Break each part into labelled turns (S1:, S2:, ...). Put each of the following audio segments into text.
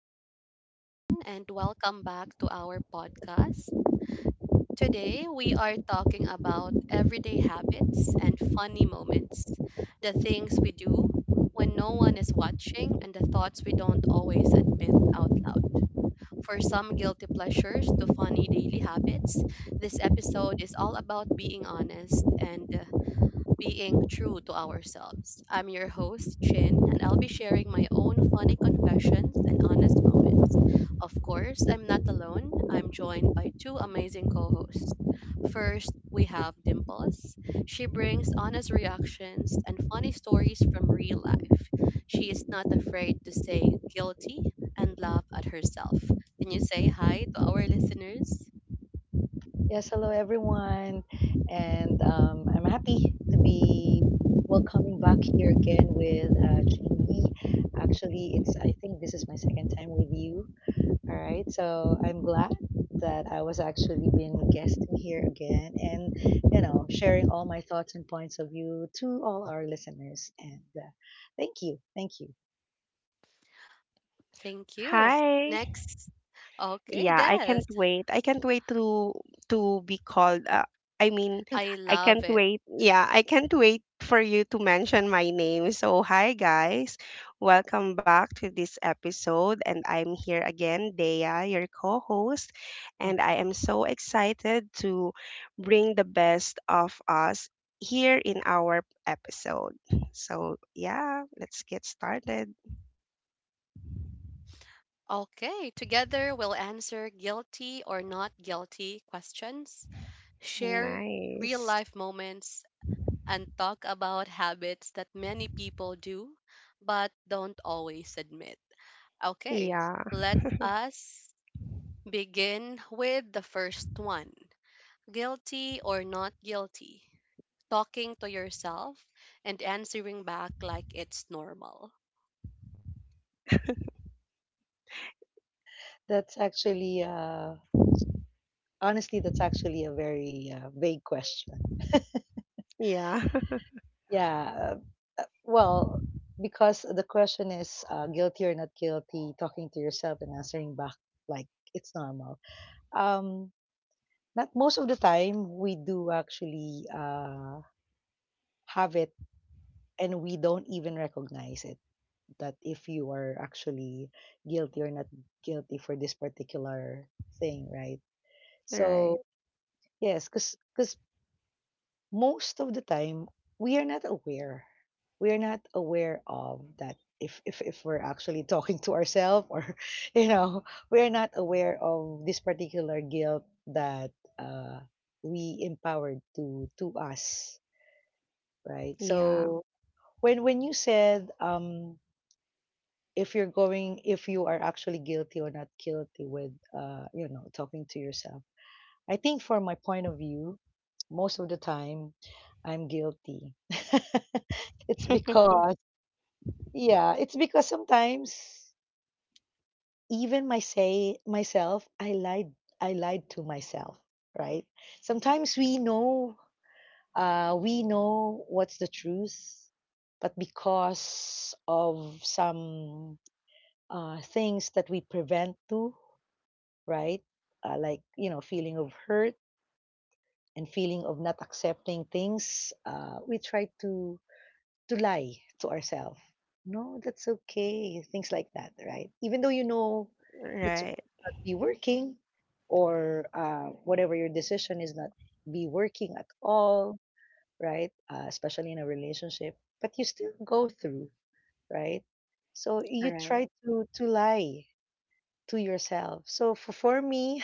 S1: Hi, everyone, and welcome back to our podcast. Today, we are talking about everyday habits and funny moments, the things we do when no one is watching, and the thoughts we don't always admit out loud. For some guilty pleasures to funny daily habits, this episode is all about being honest and being true to ourselves. I'm your host, Chin, and I'll be sharing my own funny confessions and honest moments. Of course, I'm not alone. I'm joined by two amazing co hosts. First, we have Dimples. She brings honest reactions and funny stories from real life. She is not afraid to say guilty and laugh at herself. Can you say hi to our listeners?
S2: Yes, hello everyone. And I'm happy to be welcoming back here again with Jamie. Actually, it's I think this is my second time with you. All right. So I'm glad that I was actually being guesting here again and sharing all my thoughts and points of view to all our listeners. And thank you. Thank you.
S1: Thank you.
S3: Hi.
S1: Next, okay,
S3: Yeah, I
S1: Des.
S3: can't wait. I can't wait to be called. I mean,
S1: I
S3: I
S1: love
S3: can't
S1: it.
S3: wait. Yeah, I can't wait for you to mention my name. So, hi guys. Welcome back to this episode and I'm here again, Dea, your co-host, and I am so excited to bring the best of us here in our episode. So, yeah, let's get started.
S1: Okay, together we'll answer guilty or not guilty questions, share real
S3: Nice.
S1: life moments, and talk about habits that many people do but don't always admit. Okay,
S3: Yeah.
S1: let us begin with the first one, guilty or not guilty. Talking to yourself and answering back like it's normal.
S2: That's actually honestly that's actually a very vague question.
S3: Yeah.
S2: Yeah. Well, because the question is guilty or not guilty, talking to yourself and answering back like it's normal. Um, Not most of the time we do actually have it, and we don't even recognize it, that if you are actually guilty or not guilty for this particular thing, right?
S3: Right.
S2: So yes, because most of the time we are not aware we are not aware of that, if if we're actually talking to ourselves, or you know we are not aware of this particular guilt that we empowered to us, right.
S3: Yeah.
S2: So when you said, if you are actually guilty or not guilty with, talking to yourself, I think from my point of view, most of the time I'm guilty. It's because, yeah, it's because sometimes, even my say myself, I lied to myself, right? Sometimes we know, we know what's the truth, but because of some things that we prevent to, right? Like, you know, feeling of hurt and feeling of not accepting things, we try to lie to ourselves. No, that's okay. Things like that, right? Even though you know it's supposed
S3: Right.
S2: to not be working, or whatever your decision is not be working at all, right? Especially in a relationship, but you still go through, right? So you
S3: Right.
S2: try to lie to yourself. So for me,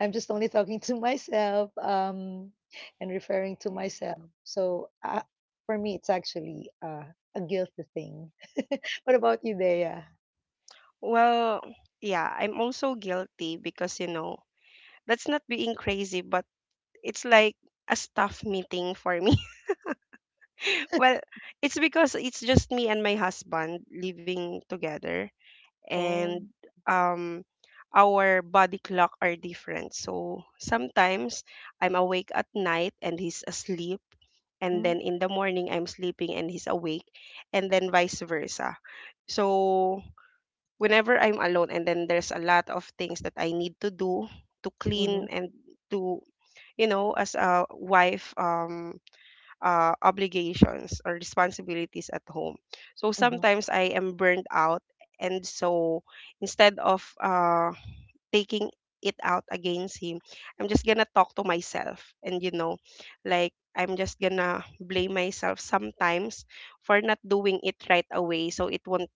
S2: I'm just only talking to myself and referring to myself. So for me, it's actually a guilty thing. What about you, Dea?
S3: Well, yeah, I'm also guilty because, you know, that's not being crazy, but it's like a staff meeting for me. Well, it's because it's just me and my husband living together,
S2: Oh.
S3: and um, our body clock are different. So sometimes I'm awake at night and he's asleep, and
S2: Mm,
S3: then in the morning I'm sleeping and he's awake, and then vice versa. So whenever I'm alone, and then there's a lot of things that I need to do to clean
S2: hmm,
S3: and to, you know, as a wife, obligations or responsibilities at home. So
S2: hmm,
S3: sometimes I am burnt out, and so instead of taking it out against him, I'm just gonna talk to myself, and you know, like I'm just gonna blame myself sometimes for not doing it right away, so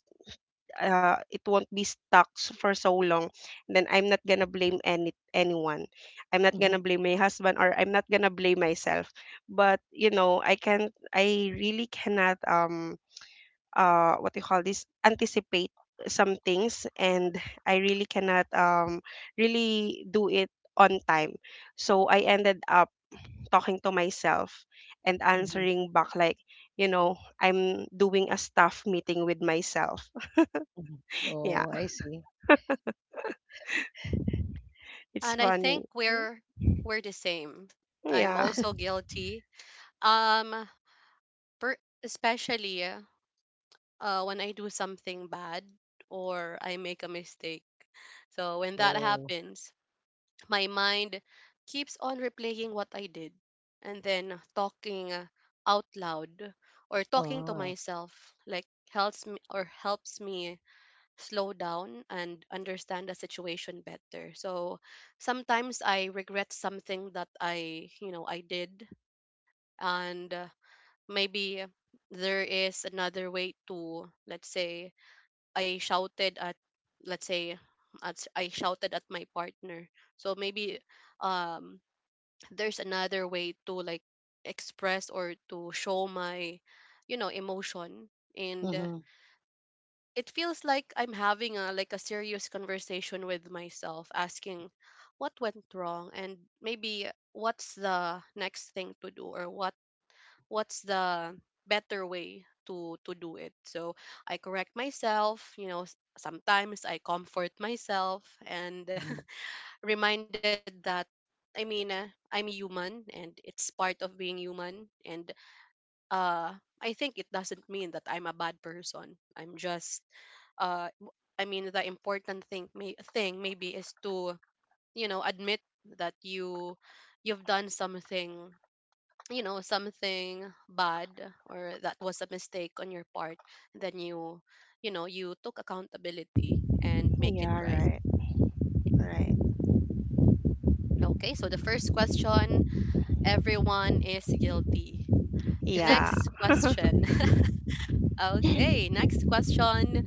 S3: it won't be stuck for so long, then I'm not gonna blame anyone. I'm not
S2: hmm,
S3: gonna blame my husband or I'm not gonna blame myself. But you know, I really cannot, what do you call this, anticipate some things, and I really cannot really do it on time. So I ended up talking to myself and
S2: hmm,
S3: answering back like, you know, I'm doing a staff meeting with myself.
S2: hmm.
S3: Yeah.
S2: Oh, I see.
S3: It's
S1: And I
S3: funny.
S1: think we're the same. I'm
S3: Yeah.
S1: also guilty. Um, Especially when I do something bad or I make a mistake. So when that
S2: Oh,
S1: happens, my mind keeps on replaying what I did, and then talking out loud or talking to
S2: oh.
S1: myself helps me slow down and understand the situation better. So sometimes I regret something that, I, you know, I did, and maybe there is another way. To, let's say, i shouted at let's say I shouted at my partner, so maybe um there's another way to like express or to show my, you know, emotion. And
S2: Hmm,
S1: it feels like I'm having a like a serious conversation with myself, asking what went wrong, and maybe what's the next thing to do, or what's the better way to do it. So I correct myself, you know, s- sometimes I comfort myself and
S2: hmm.
S1: reminded that, I'm human and it's part of being human. And uh I think it doesn't mean that I'm a bad person. I'm just the important thing maybe is to, you know, admit that you've done something, you know, something bad, or that was a mistake on your part. Then you know, you took accountability and make it
S3: Yeah,
S1: right.
S3: right. Right.
S1: Okay, so the first question, everyone is guilty.
S3: Yeah.
S1: Next question. Okay, next question.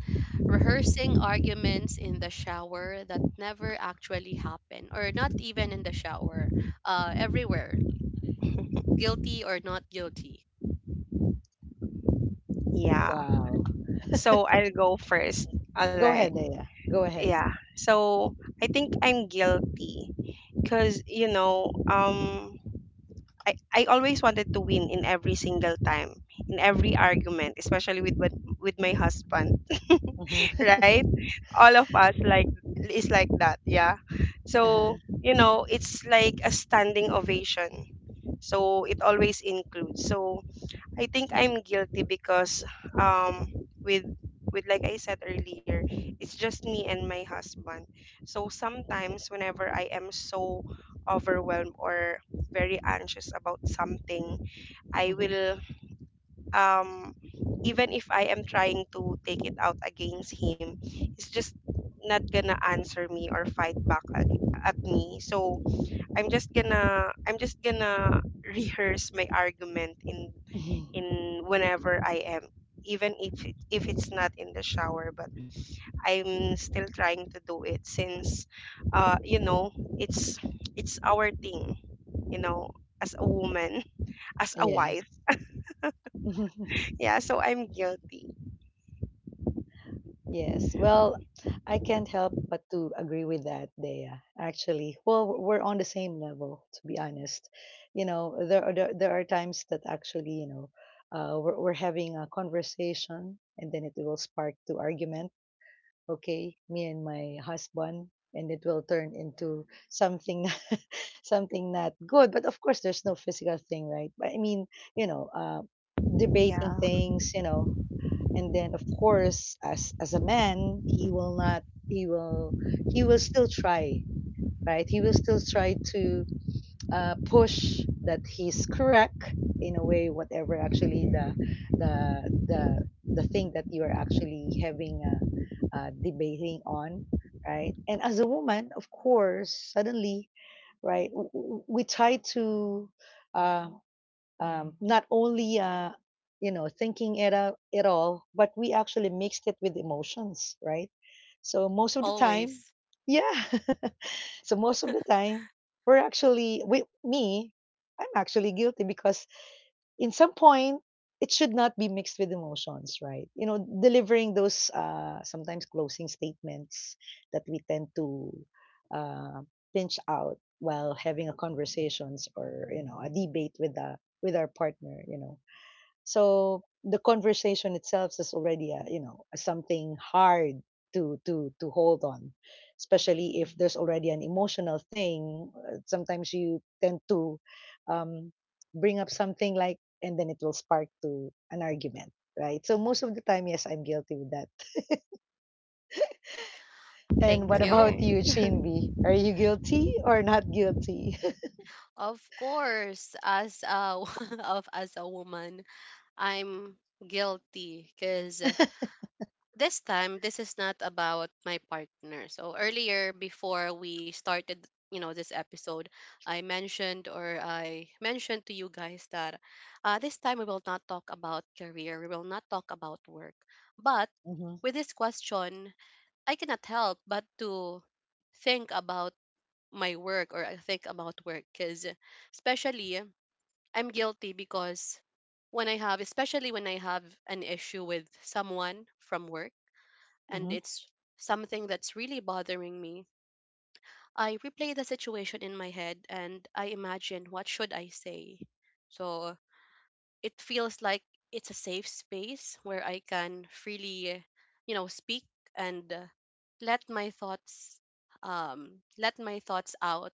S1: Rehearsing arguments in the shower that never actually happened, or not even in the shower, everywhere. Guilty or not guilty?
S3: Yeah.
S2: Wow.
S3: So I'll go first. All
S2: Go
S3: right.
S2: ahead, Dea. Go ahead.
S3: Yeah. So I think I'm guilty because, you know, I always wanted to win in every single time, in every argument, especially with my husband,
S2: Mm-hmm.
S3: right? All of us like is like that, yeah.
S2: Uh-huh.
S3: So, you know, it's like a standing ovation. So it always includes. So I think I'm guilty because um with with, like I said earlier, it's just me and my husband. So sometimes whenever I am so overwhelmed or very anxious about something, I
S2: Mm-hmm.
S3: will, um even if I am trying to take it out against him, he's just not gonna answer me or fight at me. So I'm just gonna rehearse my argument in in whenever I am, even if if it's not in the shower. But I'm still trying to do it since, you know, it's it's our thing, you know, as a woman, as a
S2: Yes.
S3: wife. Yeah, so I'm guilty.
S2: Yes. Well, I can't help but to agree with that, Dea. Actually, well, we're on the same level, to be honest. You know, there are times that actually, you know, we're having a conversation, and then it will spark to argument. Okay, me and my husband, and it will turn into something something not good. But of course, there's no physical thing, right? But I mean, you know, debating
S3: Yeah,
S2: things, you know, and then of course, as a man, he will not, he will, he will still try. Right, he will still try to push that he's correct, in a way, whatever actually the the the thing that you are actually having a, debating on, right. And as a woman, of course, suddenly, right, we try to uh, not only you know, thinking it out it all, but we actually mixed it with emotions, right? So most of the time,
S1: Always,
S2: yeah. So most of the time, we're actually, we, me, I'm actually guilty because, in some point, it should not be mixed with emotions, right, you know, delivering those sometimes closing statements that we tend to uh, pinch out while having a conversations, or you know, a debate with our partner, you know. So the conversation itself is already a, you know, something hard to hold on, especially if there's already an emotional thing. Sometimes you tend to um, bring up something, like, and then it will spark to an argument, right? So most of the time, yes, I'm guilty with that. And
S1: thank
S2: what
S1: you.
S2: about you,
S3: right.
S2: Shinbi? Are you guilty or not guilty?
S1: Of course, as a of as a woman, I'm guilty because this time this is not about my partner. So earlier, before we started, you know, this episode, I mentioned to you guys that this time we will not talk about career, we will not talk about work. But
S2: Mm-hmm.
S1: with this question, I cannot help but to think about my work, or I think about work because, especially, I'm guilty because when I have especially when I have an issue with someone from work, and
S2: Mm-hmm.
S1: it's something that's really bothering me, I replay the situation in my head and I imagine what should I say. So it feels like it's a safe space where I can freely, you know, speak, and let my thoughts, let my thoughts out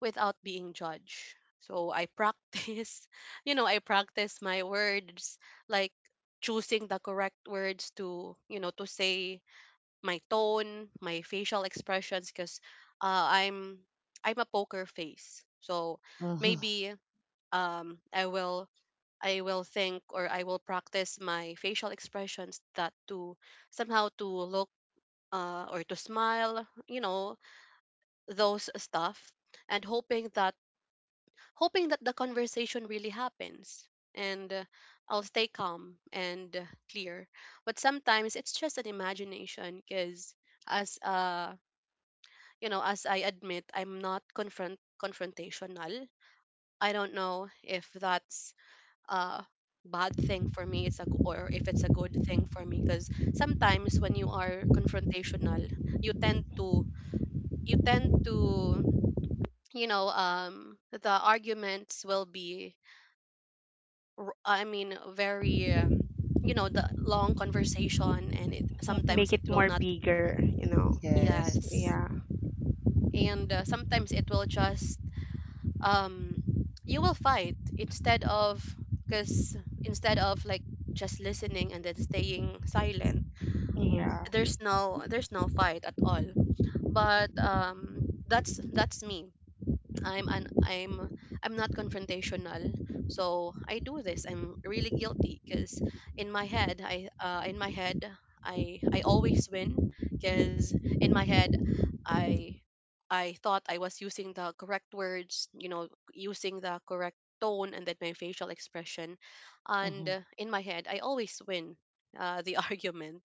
S1: without being judged. So I practice, you know, I practice my words, like choosing the correct words to, you know, to say, my tone, my facial expressions, cuz uh, I'm I'm a poker face. So
S2: Mm-hmm.
S1: maybe um i will I will practice my facial expressions, that to somehow to look, or to smile, you know, those stuff, and hoping that, hoping that the conversation really happens, and I'll stay calm and clear. But sometimes it's just an imagination because, as you know, as I admit, I'm not confront confrontational. I don't know if that's uh bad thing for me, or if it's a good thing for me, because sometimes when you are confrontational, you tend to, you tend to you know, the arguments will be, very, you know, the long conversation, and it
S3: M-
S1: sometimes
S3: Make
S1: it
S3: it
S1: will
S3: more
S1: not.
S3: bigger, you know.
S2: Yes.
S1: Yes,
S3: Yeah,
S1: and sometimes it will just, um you will fight instead of, because, instead of like just listening and then staying silent,
S2: Mm-hmm.
S3: yeah,
S1: there's no, there's no fight at all. But that's me. i'm an i'm I'm not confrontational, so I do this. I'm really guilty because in my head, I in my head, I always win because in my head, i I thought I was using the correct words, you know, using the correct tone, and then my facial expression. And
S2: Mm-hmm.
S1: in my head, I always win the argument.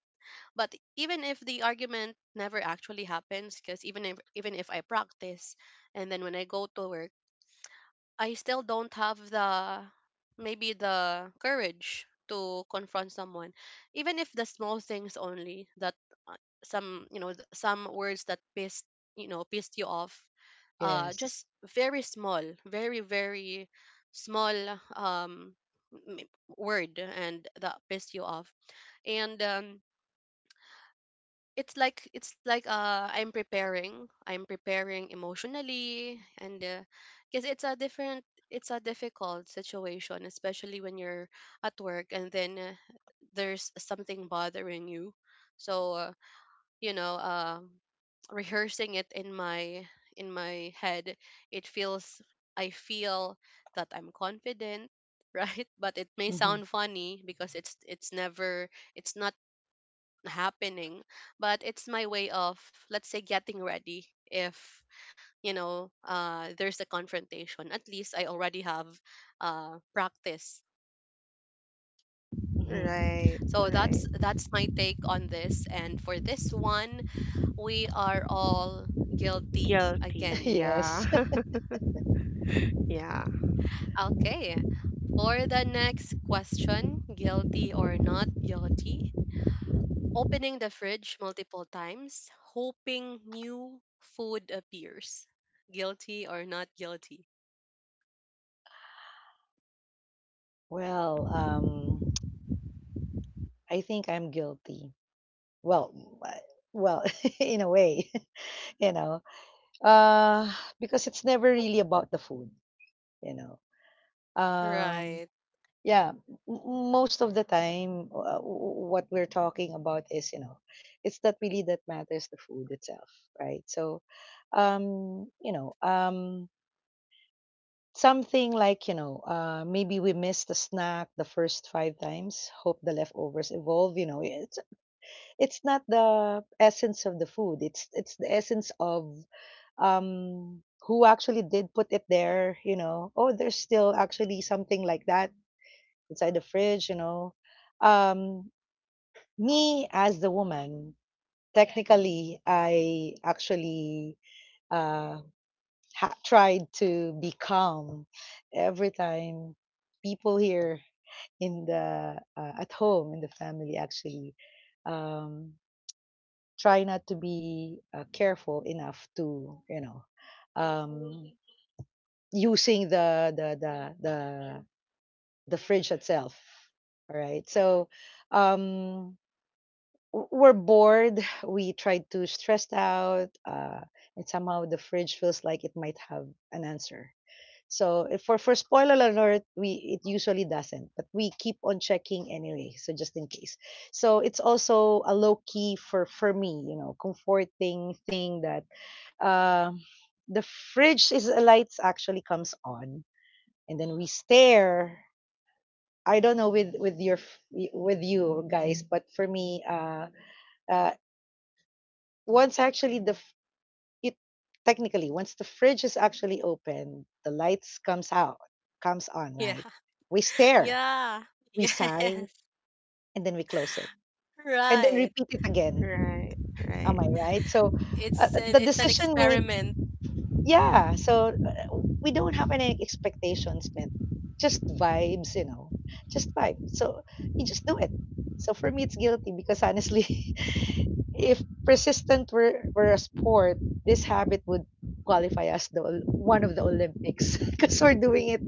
S1: But even if the argument never actually happens, because even if I practice, and then when I go to work, I still don't have the, maybe, the courage to confront someone, even if the small things only, that uh, some, you know, some words that pissed, you know, pissed you off,
S2: Yes.
S1: just very small, very, very small um word, and that pissed you off. And it's like, I'm preparing, I'm preparing emotionally, and because it's a different, it's a difficult situation, especially when you're at work and then there's something bothering you. So you know, rehearsing it in my, in my head, it feels I feel that I'm confident. Right, but it may
S2: Mm-hmm.
S1: sound funny because it's never, it's not happening. But it's my way of, let's say, getting ready, if, you know, there's a confrontation, at least I already have practice.
S2: Mm-hmm.
S3: right,
S1: So
S3: right.
S1: that's my take on this, and for this one, we are all guilty again.
S3: Guilty. Yeah,
S2: Yes.
S3: yeah,
S1: Okay, for the next question, guilty or not guilty. Opening the fridge multiple times, hoping new food appears. Guilty or not guilty?
S2: Well, I think I'm guilty. Well, I- well, in a way, you know, uh, because it's never really about the food, you know. Um,
S1: Right.
S2: yeah, most of the time, what we're talking about is, you know, it's not really that matters the food itself, right? So, you know, something, like, you know, maybe we missed a snack the first five times, hope the leftovers evolve, you know. It's not the essence of the food, it's the essence of um who actually did put it there, you know. Oh, there's still actually something like that inside the fridge, you know. um Me as the woman, technically I actually uh tried to be calm every time people here in the at home in the family actually um try not to be careful enough to, you know, um, using the fridge itself. All right. So um, we're bored. We try to stress out, and somehow the fridge feels like it might have an answer. So if, for spoiler alert, we it usually doesn't, but we keep on checking anyway. So just in case. So it's also a low key for me, you know, comforting thing that uh, the fridge is lights actually comes on, and then we stare. I don't know with you guys, but for me, uh once actually the f- it technically, once the fridge is actually open, the lights comes out comes on,
S1: Yeah.
S2: right. We stare,
S1: Yeah.
S2: we sigh,
S1: Yes.
S2: and then we close it, and then
S1: Right.
S2: repeat it again.
S3: right,
S2: Am
S3: right.
S2: I right? So
S1: It's an,
S2: the
S1: it's an
S2: decision made.
S1: experiment.
S2: Yeah. So we don't have any expectations met. Just vibes, you know. Just vibe. So you just do it. So for me, it's guilty because honestly, if persistent were a sport, this habit would qualify as one of the Olympics because we're doing it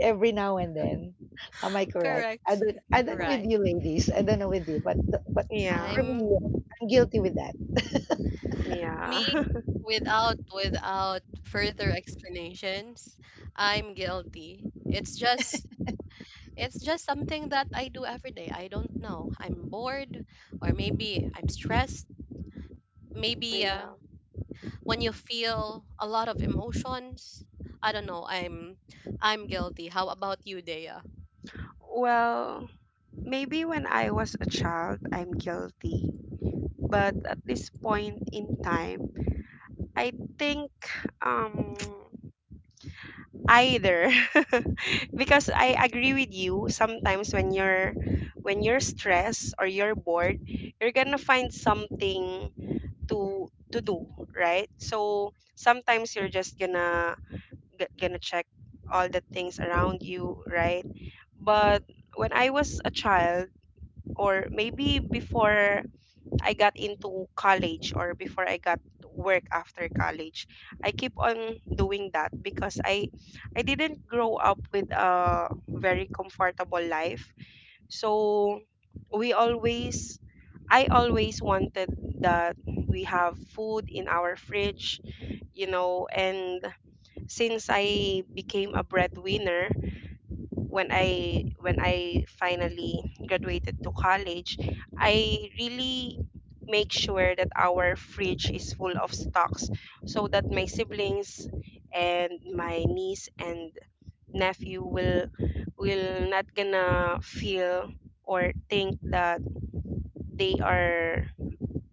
S2: every now and then. Am I correct? I
S1: Correct.
S2: don't I don't know with
S1: Right.
S2: you ladies. I don't know with you, but
S3: Yeah,
S2: for me,
S1: I'm
S2: yeah, I'm guilty with that.
S1: me
S3: yeah,
S1: without, without further explanations. I'm guilty. It's just, it's just something that I do every day. I don't know. I'm bored, or maybe I'm stressed. Maybe
S3: yeah.
S1: when you feel a lot of emotions, I don't know. I'm guilty. How about you, Dea?
S3: Well. Maybe when I was a child, I'm guilty. But at this point in time, I think, um, either, because I agree with you. Sometimes when you're stressed or you're bored, you're gonna find something to to do, right? So sometimes you're just gonna check all the things around you, right? But when I was a child, or maybe before I got into college or before I got work after college, I keep on doing that because I didn't grow up with a very comfortable life. So we always I always wanted that we have food in our fridge, you know, and since I became a breadwinner, when I finally graduated to college, I really make sure that our fridge is full of stocks so that my siblings and my niece and nephew will not gonna feel or think that they are,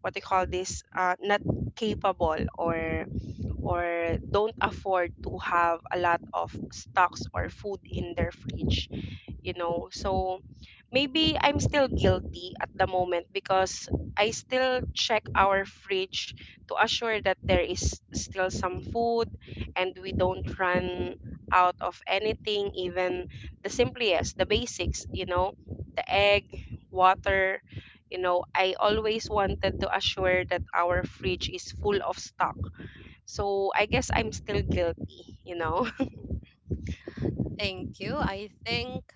S3: what they call this, not capable or don't afford to have a lot of stocks or food in their fridge, you know. So maybe I'm still guilty at the moment because I still check our fridge to assure that there is still some food and we don't run out of anything, even the simplest, the basics, you know, the egg, water. You know, I always wanted to assure that our fridge is full of stock, so I guess I'm still guilty, you know.
S1: Thank you. I think,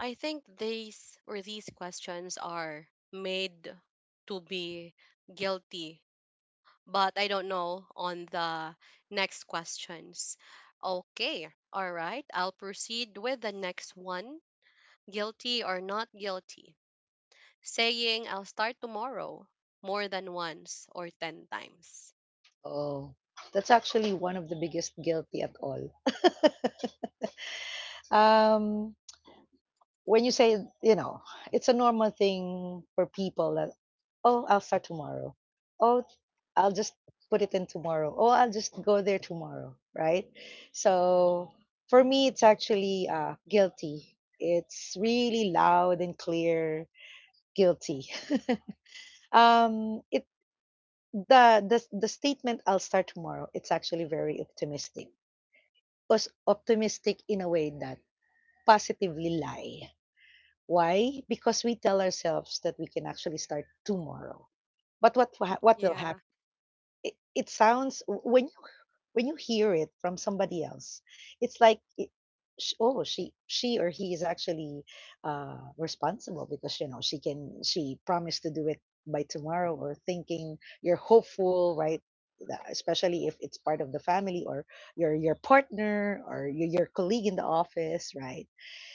S1: I think these, or these questions are made to be guilty, but I don't know on the next questions. Okay. All right. I'll proceed with the next one. Guilty or not guilty. Saying I'll start tomorrow more than once, or 10 times.
S2: Oh, that's actually one of the biggest guilty at all. Um, when you say, you know, it's a normal thing for people that, oh, I'll start tomorrow. Oh, I'll just put it in tomorrow. Oh, I'll just go there tomorrow, right? So for me, it's actually guilty. It's really loud and clear guilty. It The statement, "I'll start tomorrow," it's actually very optimistic. Optimistic in a way that positively lie. Why? Because we tell ourselves that we can actually start tomorrow. But what, what will
S1: Yeah.
S2: happen? It sounds, when you hear it from somebody else, it's like, oh, she or he is actually responsible because, you know, she promised to do it by tomorrow, or thinking you're hopeful, right. Especially if it's part of the family, or your partner, or your colleague in the office, right.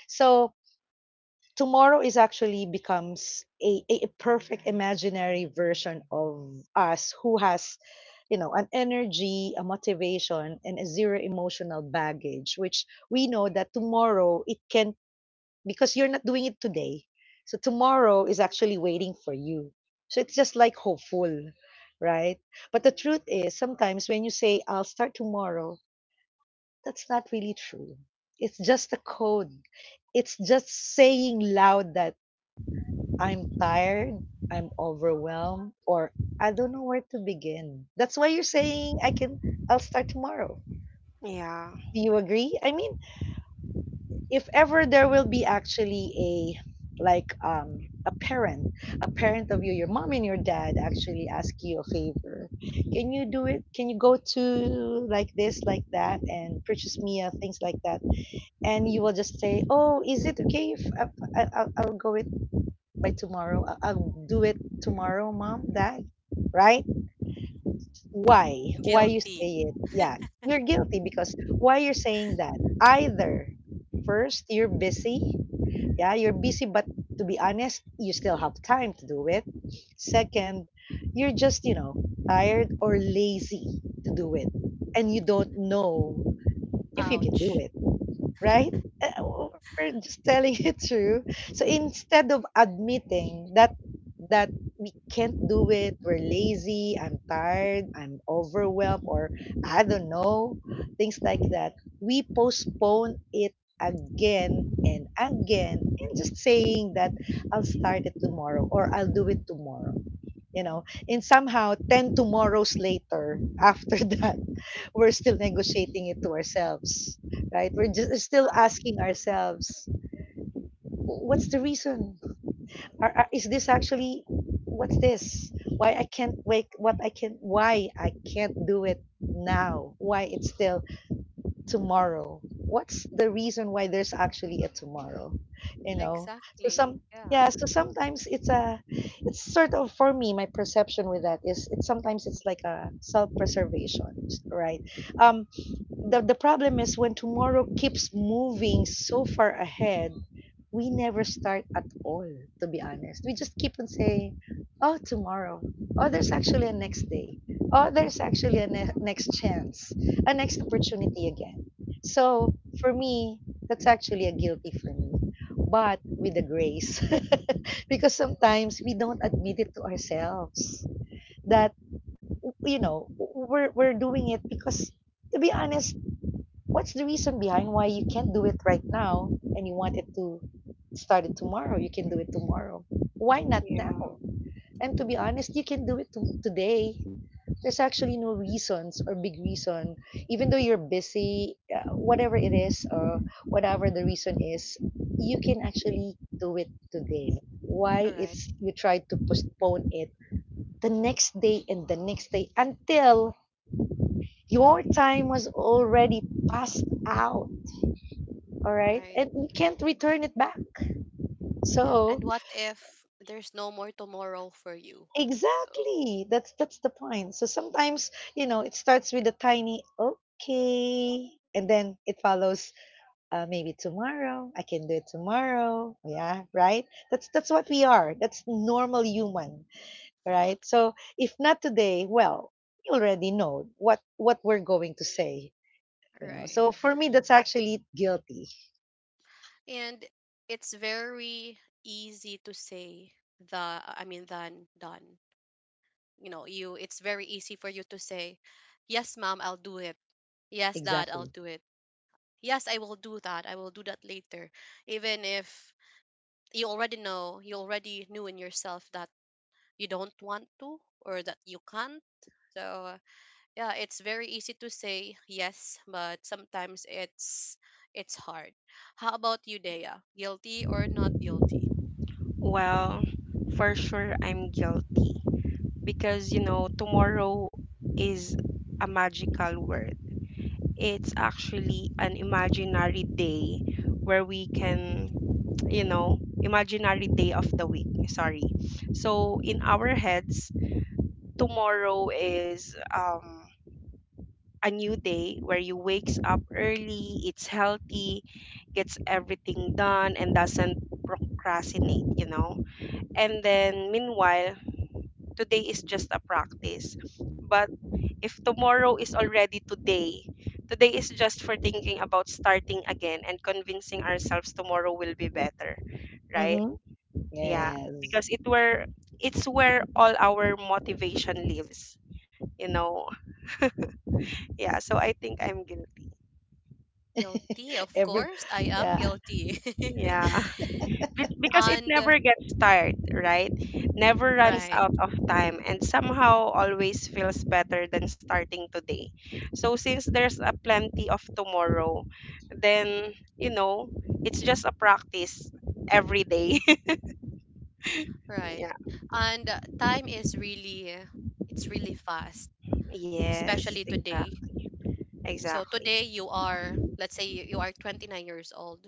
S2: So tomorrow is actually becomes a perfect imaginary version of us, who has, you know, an energy, a motivation, and a zero emotional baggage, which we know that tomorrow it can, because you're not doing it today. So tomorrow is actually waiting for you. So it's just like hopeful, right. But the truth is, sometimes when you say, "I'll start tomorrow," that's not really true. It's just a code. It's just saying loud that I'm tired, I'm overwhelmed, or I don't know where to begin. That's why you're saying I'll start tomorrow.
S3: Yeah.
S2: Do you agree? I mean, if ever there will be actually a like a parent of you, your mom and your dad actually ask you a favor. Can you do it? Can you go to, like, this, like, that, and purchase me things like that? And you will just say, "Oh, is it okay if I'll go with?" By tomorrow. I'll do it tomorrow, mom, dad, right? Why? Why you say
S1: Guilty.
S2: it? Yeah, you're guilty because why you're saying that? Either, first, you're busy. Yeah, you're busy, but to be honest, you still have time to do it. Second, you're just, you know, tired or lazy to do it. And you don't know if you can do
S1: Ouch.
S2: it, right? Eh, oh, we're just telling it true. So instead of admitting that we can't do it, we're lazy, I'm tired, I'm overwhelmed, or I don't know, things like that, we postpone it again and again, and just saying that I'll start it tomorrow, or I'll do it tomorrow. You know, and somehow 10 tomorrows later after that, we're still negotiating it to ourselves, right? We're just still asking ourselves, What's the reason? Are- is this actually what's this? Why I can't wake? What I can? Why I can't do it now? Why it's still tomorrow? What's the reason why there's actually a tomorrow? You know? So
S1: Exactly.
S2: some
S1: Yeah.
S2: yeah. So sometimes it's sort of for me my perception with that is it's sometimes it's like a self preservation, right? Um, the problem is when tomorrow keeps moving so far ahead, we never start at all, to be honest. We just keep on saying, "Oh, tomorrow. Oh, there's actually a next day. Oh, there's actually a next chance, a next opportunity again." So, for me, that's actually a guilty for me, but with a grace. Because sometimes we don't admit it to ourselves that, we're doing it because, to be honest, what's the reason behind why you can't do it right now and you want it to start it tomorrow? You can do it tomorrow. Why not
S3: Yeah.
S2: now? And to be honest, you can do today. There's actually no reasons or big reason, even though you're busy, whatever it is or whatever the reason is, you can actually do it today.
S1: All
S2: Why
S1: right.
S2: it's you try to postpone it the next day and the next day until your time was already passed out, all right,
S1: Right.
S2: and you can't return it back so
S1: And what if there's no more tomorrow for you? So,
S2: exactly that's the point. So sometimes you know it starts with a tiny okay and then it follows, maybe tomorrow. I can do it tomorrow, yeah, right. That's what we are, that's normal human, right? So if not today, well, you already know what we're going to say. You know,
S1: right.
S2: so for me that's actually guilty.
S1: And it's very easy to say, the, I mean, than done. You know, you it's very easy for you to say, "Yes, mom, I'll do it. Yes, dad, I'll
S2: Exactly.
S1: do it. Yes, I will do that. I will do that later." Even if you already know, you already knew in yourself that you don't want to, or that you can't. So, yeah, it's very easy to say yes, but sometimes it's hard. How about you, Dea? Guilty or not guilty?
S3: Well, for sure I'm guilty because you know, tomorrow is a magical word. It's actually an imaginary day where we can, you know, imaginary day of the week, sorry. So in our heads, tomorrow is a new day where you wakes up early, it's healthy, gets everything done and doesn't procrastinate, you know. And then meanwhile, today is just a practice. But if tomorrow is already today, today is just for thinking about starting again and convincing ourselves tomorrow will be better, right?
S2: Mm-hmm.
S3: Yeah,
S2: Yes.
S3: because it's where all our motivation lives, you know. Yeah, so I think I'm guilty.
S1: Guilty, of
S2: Every
S1: course, I am
S2: yeah.
S1: guilty.
S3: Yeah. Be- because it
S1: And
S3: never gets tired, right? Never runs
S1: right,
S3: out of time and somehow always feels better than starting today. So since there's a plenty of tomorrow, then you know, it's just a practice every day.
S1: right.
S3: Yeah.
S1: And time is really it's really fast,
S3: Yes,
S1: especially today.
S3: exactly.
S1: So
S3: Exactly.
S1: today you are, let's say, you are 29 years old,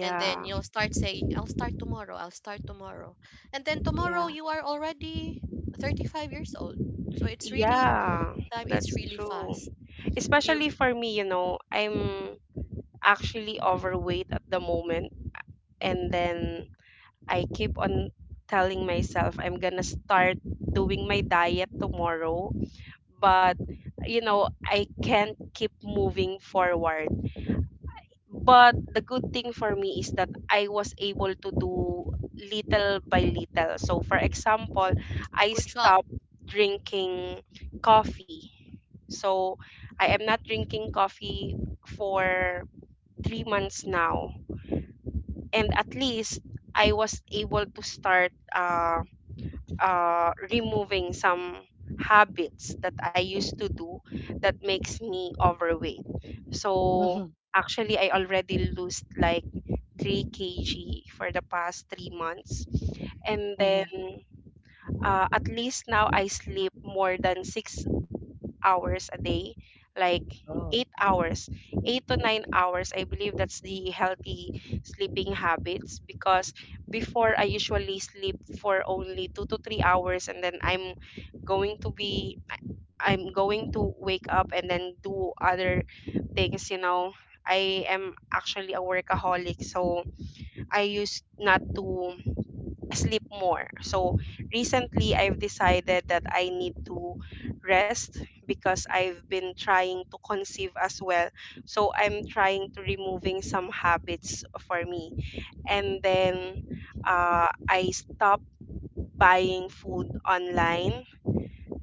S1: and then you'll start saying, I'll start tomorrow, I'll start tomorrow, and then
S3: Yeah.
S1: tomorrow you are already 35 years old. So it's really,
S3: Yeah,
S1: time
S3: that's
S1: it's really
S3: true.
S1: fast. You,
S3: Especially for me, you know, I'm actually overweight at the moment, and then I keep on telling myself I'm gonna start doing my diet tomorrow, but you know, I can't keep moving forward. But the good thing for me is that I was able to do little by little. So, for example, I
S1: good job.
S3: stopped drinking coffee. So, I am not drinking coffee for 3 months now. And at least I was able to start removing some habits that I used to do that makes me overweight. So
S2: Mhm.
S3: actually, I already lost like 3 kg for the past 3 months. And then
S2: Mhm.
S3: at least now I sleep more than 6 hours a day, like eight
S2: Oh.
S3: hours, 8 to 9 hours. I believe that's the healthy sleeping habits, because before I usually sleep for only 2 to 3 hours and then going to be, I'm going to wake up and then do other things, you know. I am actually a workaholic, so I used not to sleep more. So recently, I've decided that I need to rest because I've been trying to conceive as well. So I'm trying to removing some habits for me. And then I stopped buying food online.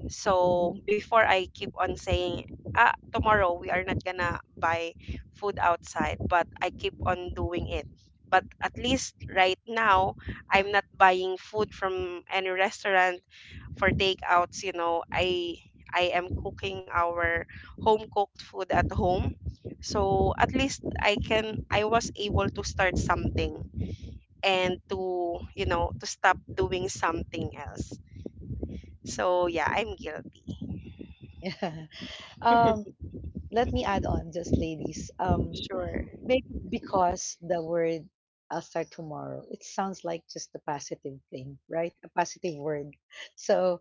S3: So
S2: Mhm.
S3: before I keep on saying, ah, tomorrow we are not gonna buy food outside, but I keep on doing it. But at
S2: Mm.
S3: least right now, I'm not buying food from any restaurant for takeouts. You know, I am cooking our home cooked food at home. So at least I was able to start something and to, you know, to stop doing something else. So yeah, I'm guilty.
S2: Yeah. Um, Let me add on just, ladies.
S3: Sure.
S2: Maybe because the word "I'll start tomorrow", it sounds like just a positive thing, right? A positive word. So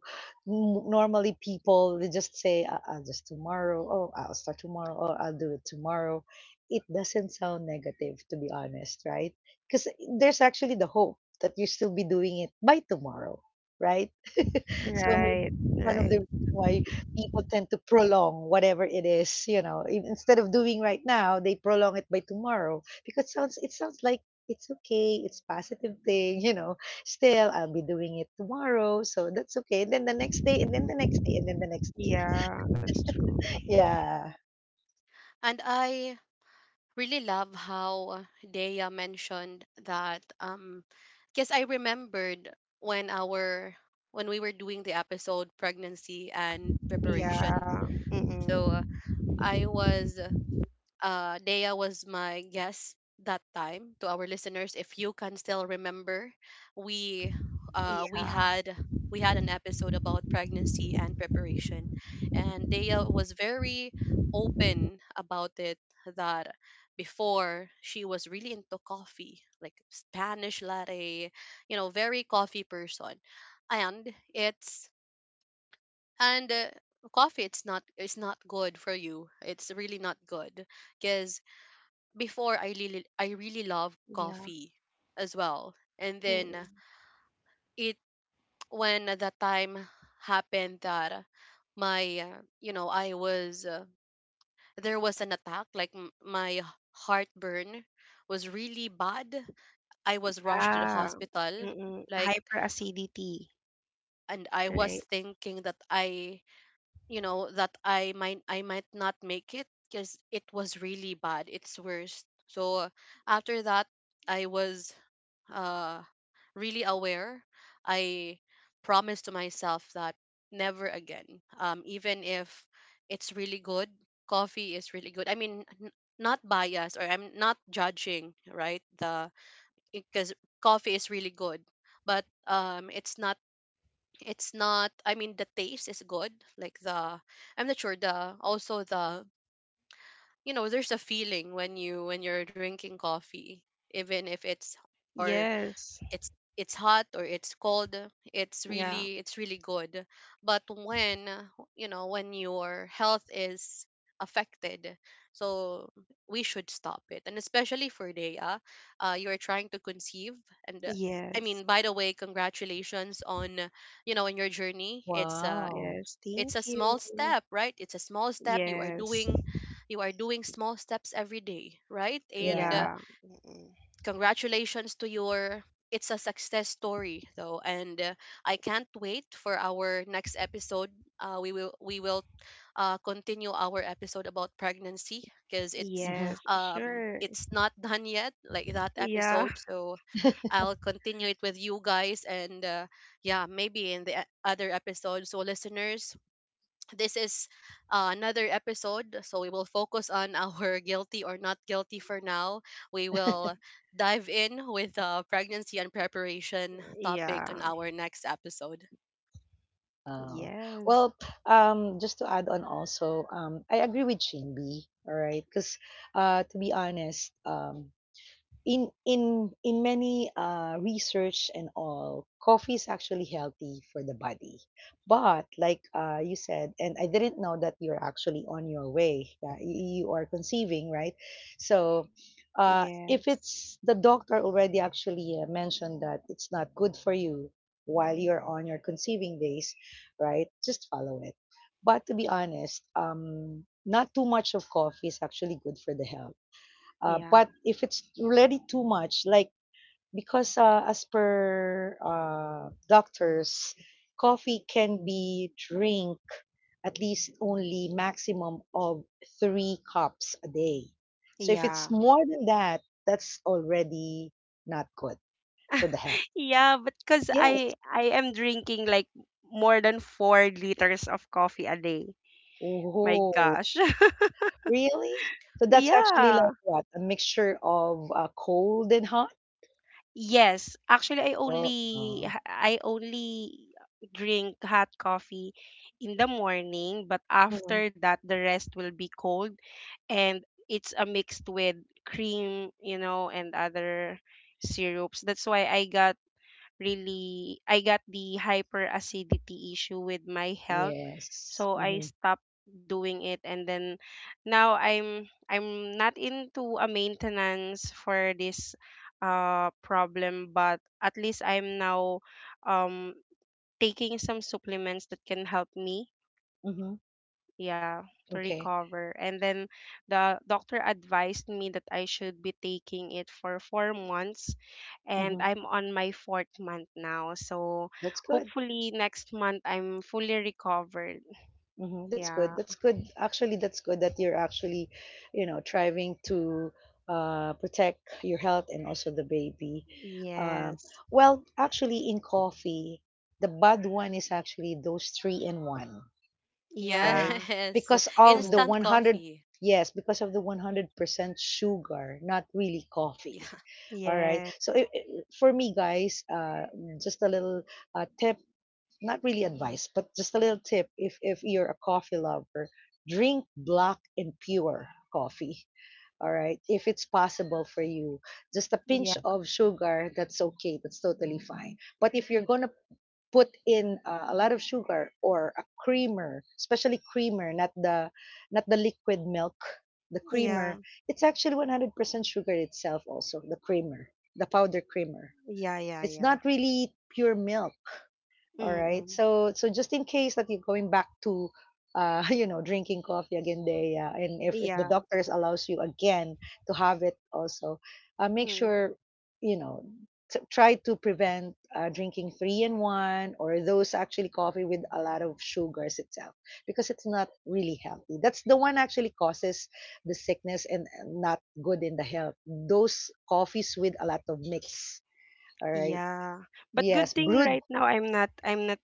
S2: normally people they just say, I'll just tomorrow, oh, I'll start tomorrow, oh, I'll do it tomorrow." It doesn't sound negative, to be honest, right? Because there's actually the hope that you still be doing it by tomorrow, right? So maybe
S3: Right.
S2: one of
S3: Right.
S2: the reasons why people tend to prolong whatever it is, you know, in instead of doing right now, they prolong it by tomorrow because sounds it sounds like it's okay, it's positive thing, you know. Still, I'll be doing it tomorrow, so that's okay. And then the next day, and then the next day, and then the next day.
S3: Yeah, that's true.
S2: Yeah.
S1: And I really love how Dea mentioned that, because I remembered when our, when we were doing the episode pregnancy and preparation.
S3: Yeah.
S1: So
S3: Mm-mm.
S1: I was, Dea was my guest that time. To our listeners, if you can still remember, we uh, we
S3: Yeah.
S1: had we had an episode about pregnancy and preparation, and Dea was very open about it. That before she was really into coffee, like Spanish latte, you know, very coffee person. And it's, and coffee, it's not, it's not good for you. It's really not good, because before I really, I really love
S3: Yeah.
S1: coffee as well. And then
S3: Mm-mm.
S1: it when that time happened that my, you know, I was, there was an attack, like, my heartburn was really bad. I was rushed to the
S3: Yeah.
S1: hospital,
S3: Mm-mm.
S1: like,
S3: Hyperacidity,
S1: and I was
S3: right?
S1: thinking that I you know, that I might, I might not make it because it was really bad. It's worse. So after that, I was, uh, really aware. I promised to myself that never again. Even if it's really good, coffee is really good. I mean, not biased, or I'm not judging, right? The Because coffee is really good, but it's not. It's not. I mean, the taste is good. Like the, I'm not sure. The also the you know, There's a feeling when you're drinking coffee, even if or
S3: Yes.
S1: it's it's hot or it's cold, it's
S3: Yeah.
S1: really it's really good. But when your health is affected, so we should stop it. And especially for Daya, you're trying to conceive. And, I
S3: Yes.
S1: mean, by the way, congratulations on your journey. it's a
S2: Wow.
S3: Yes. Thank
S1: it's a small
S3: you.
S1: step, right? It's a small step you are
S3: Yes.
S1: doing you are doing small steps every day, right? and
S2: Yeah.
S1: uh,
S3: Yeah. Mm-mm.
S1: congratulations to your— it's a success story though. And I can't wait for our next episode. We will continue our episode about pregnancy, because
S2: Hmm.
S3: Yes. Sure.
S1: it's not done yet, like that
S3: Yeah.
S1: episode. So I'll continue it with you guys. And yeah, maybe in the other episode. So, listeners, this is another episode, so we will focus on our guilty or not guilty for now. We will dive in with the pregnancy and preparation topic
S3: Yeah.
S1: on our next episode.
S2: Oh.
S3: Yes.
S2: Well, just to add on also, I agree with Shinbi, all right? Because, to be honest, in in many research and all, coffee is actually healthy for the body, but like, you said, and I didn't know that you're actually on your way. Yeah, you are conceiving, right? So, if
S3: Yes.
S2: it's the doctor already actually mentioned that it's not good for you while you're on your conceiving days, right, just follow it. But to be honest, not too much of coffee is actually good for the health,
S3: Yeah.
S2: but if it's already too much, like, because, as per doctors, coffee can be drink at least only maximum of three cups a day. So if it's
S3: Yeah,
S2: more than that, that's already not good for the health.
S3: Yeah, but because
S2: Yes.
S3: I am drinking like more than 4 liters of coffee a day. My
S2: Oh,
S3: gosh.
S2: really? So that's actually like
S3: Yeah.
S2: what? A mixture of cold and hot?
S3: Yes, actually I
S2: Oh,
S3: only I only drink hot coffee in the morning, but
S2: mhm.
S3: after that the rest will be cold and it's a mixed with cream, you know, and other syrups. That's why I got the hyperacidity issue with my health,
S2: Yes.
S3: so I
S2: Mm-hmm.
S3: stopped doing it and then now I'm not into a maintenance for this problem, but at least I'm now um taking some supplements that can help me,
S2: Mm-hmm.
S3: yeah, to
S2: Okay.
S3: recover. And then the doctor advised me that I should be taking it for 4 months, and
S2: Hmm.
S3: I'm on my fourth month now, so
S2: That's good.
S3: hopefully next month I'm fully recovered.
S2: Hmm. That's good.
S3: Yeah.
S2: That's good. Actually, that's good that you're actually, you know, trying to protect your health and also the baby. Um,
S3: Yes.
S2: well, actually, in coffee, the bad one is actually those three in one, right?
S3: Yeah, that's
S1: Yes,
S2: Because of the
S3: true.
S1: instant
S2: 100,
S1: coffee.
S2: yes, because of the 100% sugar, not really coffee.
S1: Yeah,
S2: All right.
S3: Yeah.
S2: So for me, guys, just a little tip, not really advice, but just a little tip, if you're a coffee lover, drink black and pure coffee. All right, if it's possible for you, just a
S3: Yeah.
S2: pinch of sugar, that's okay, that's totally fine. But if you're gonna put in a lot of sugar or a creamer, especially creamer, not the not the liquid milk, the
S3: Yeah.
S2: creamer, it's actually 100% sugar itself also, the creamer, the powder creamer.
S3: Yeah, yeah,
S2: It's
S3: yeah.
S2: not really pure milk, all right.
S3: Mm-mm.
S2: So so just in case that you're going back to you know, drinking coffee again, day, and if the
S3: Yeah.
S2: doctors allows you again to have it also, make
S3: Mm.
S2: sure, you know, try to prevent drinking three in one or those actually coffee with a lot of sugars itself, because it's not really healthy. That's the one actually causes the sickness and not good in the health. Those coffees with a lot of mix. All right.
S3: Yeah. But good
S2: Yes,
S3: thing
S2: brewed.
S3: right now I'm not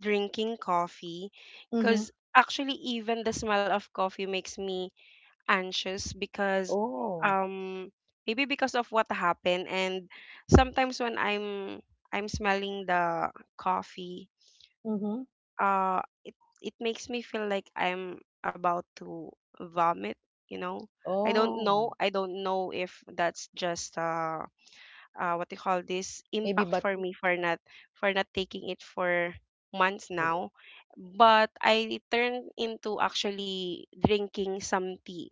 S3: drinking coffee,
S2: Hmm.
S3: cuz actually even the smell of coffee makes me anxious because,
S2: Oh.
S3: um maybe because of what happened, and sometimes when I'm smelling the coffee,
S2: Mhm.
S3: uh it it makes me feel like I'm about to vomit, you know. I don't know.
S2: Oh,
S3: I don't know if that's just what you call this,
S2: maybe
S3: impact
S2: but
S3: for me for not taking it for months
S2: oh,
S3: now. But I turned into actually drinking some tea,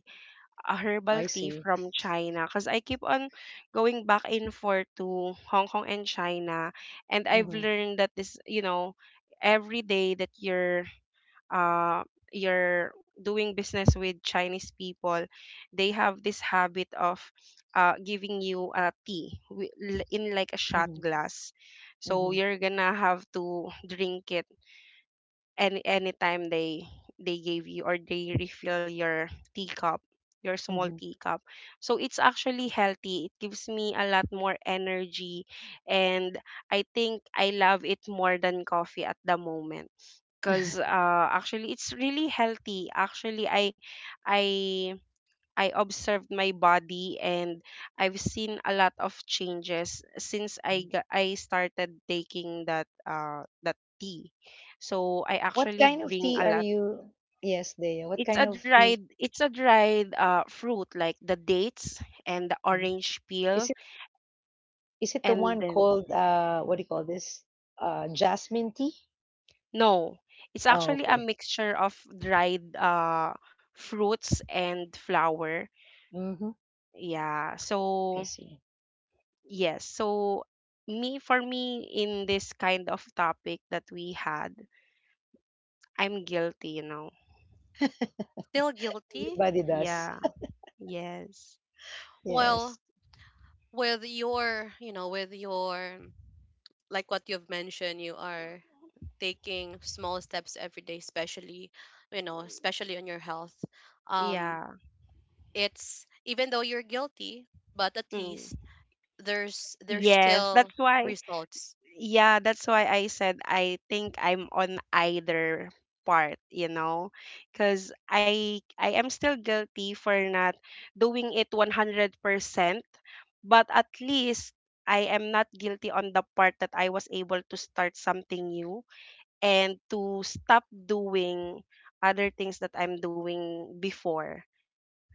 S3: a herbal
S2: I
S3: tea
S2: see.
S3: from China because I keep on going back and forth to Hong Kong and China, and I've
S2: Mhm,
S3: learned that this, you know, every day that you're, uh, you're doing business with Chinese people, they have this habit of, giving you a tea in like a shot
S2: mhm,
S3: glass. So
S2: mhm,
S3: you're gonna have to drink it anytime they gave you or they refill your teacup, your small
S2: mhm,
S3: teacup. So it's actually healthy. It gives me a lot more energy and I think I love it more than coffee at the moment because actually it's really healthy actually i I observed my body and I've seen a lot of changes since i
S2: mhm.
S3: got, i started taking that that tea. So I
S2: What
S3: actually
S2: kind of
S3: bring
S2: tea
S3: a
S2: are
S3: lot.
S2: you? Yes, Dea. What
S3: It's
S2: kind
S3: a
S2: of tea?
S3: dried, it's a dried fruit like the dates and the
S2: Mhm.
S3: orange
S2: Is
S3: peel,
S2: it is it the
S3: and
S2: one
S3: then
S2: called what do you call this? Jasmine tea?
S3: no, it's
S2: Oh,
S3: actually a
S2: okay.
S3: mixture of dried fruits and flour.
S2: Mm-hmm.
S3: Yeah.
S2: I
S3: So,
S2: see.
S3: yes. So, for me, in this kind of topic that we had, I'm guilty, you know.
S1: still guilty.
S2: Everybody does.
S3: Yeah. Yes.
S2: Yes.
S1: Well, with your, like what you've mentioned, you are taking small steps every day, especially on your health. um
S3: Yeah.
S1: It's even though you're guilty, but at
S3: Mm.
S1: least there's
S3: Yes.
S1: still
S3: That's why.
S1: results.
S3: Yeah, that's why I said I think I'm on either part, you know, because I am still guilty for not doing it 100%, but at least I am not guilty on the part that I was able to start something new and to stop doing other things that I'm doing before,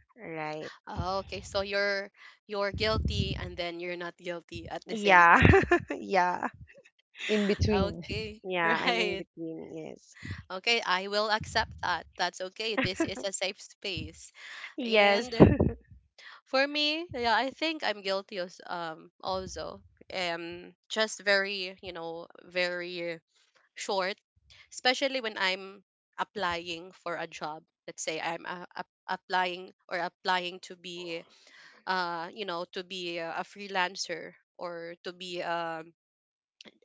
S3: right?
S1: Ah, okay, so you're guilty and then you're not guilty at the same
S3: Yeah.
S1: time.
S3: Yeah.
S2: In between.
S1: Okay,
S3: Yeah, I'm in
S1: right.
S3: between, yes.
S1: Okay, I will accept that. That's okay. This is a safe space.
S3: Yes,
S1: And for me, yeah, I think I'm guilty as also. Just very, very short, especially when I'm applying for a job. Let's say I'm applying to be a freelancer, or to be, um,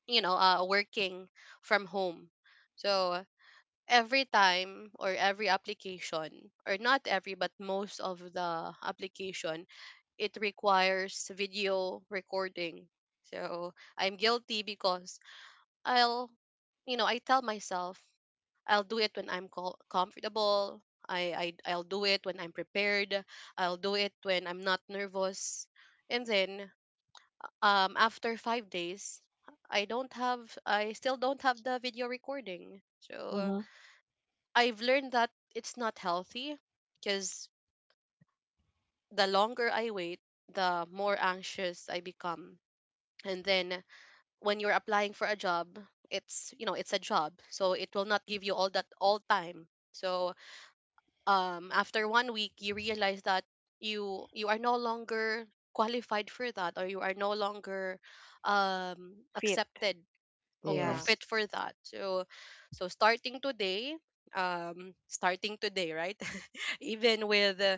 S1: you know, uh, working from home. So every time, or every application, or not every, but most of the application, it requires video recording. So I'm guilty, because I'll I tell myself I'll do it when I'm comfortable. I'll do it when I'm prepared. I'll do it when I'm not nervous. And then after 5 days, I still don't have the video recording. So
S2: Mm-hmm.
S1: I've learned that it's not healthy, because the longer I wait, the more anxious I become. And then when you're applying for a job, it's a job. So it will not give you all that all time. So after one week you realize that you are no longer qualified for that, or you are no longer
S3: fit.
S1: accepted or
S3: Yeah.
S2: Yes.
S1: fit for that. So so starting today, right, even with uh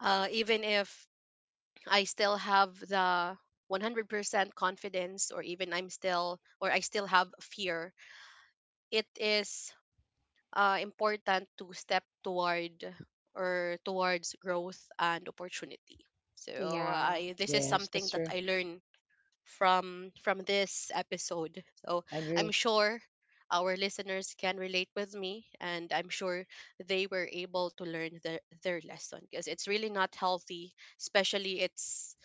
S1: even if I still have the 100% confidence, or even I'm still or I still have fear. It is important to step towards growth and opportunity. So,
S3: Yeah.
S1: I this is
S2: Yes,
S1: something
S2: that's
S1: that
S2: true.
S1: I learned from this episode. So
S2: I
S1: I'm
S2: agree.
S1: sure our listeners can relate with me, and I'm sure they were able to learn their lesson, because it's really not healthy, especially it's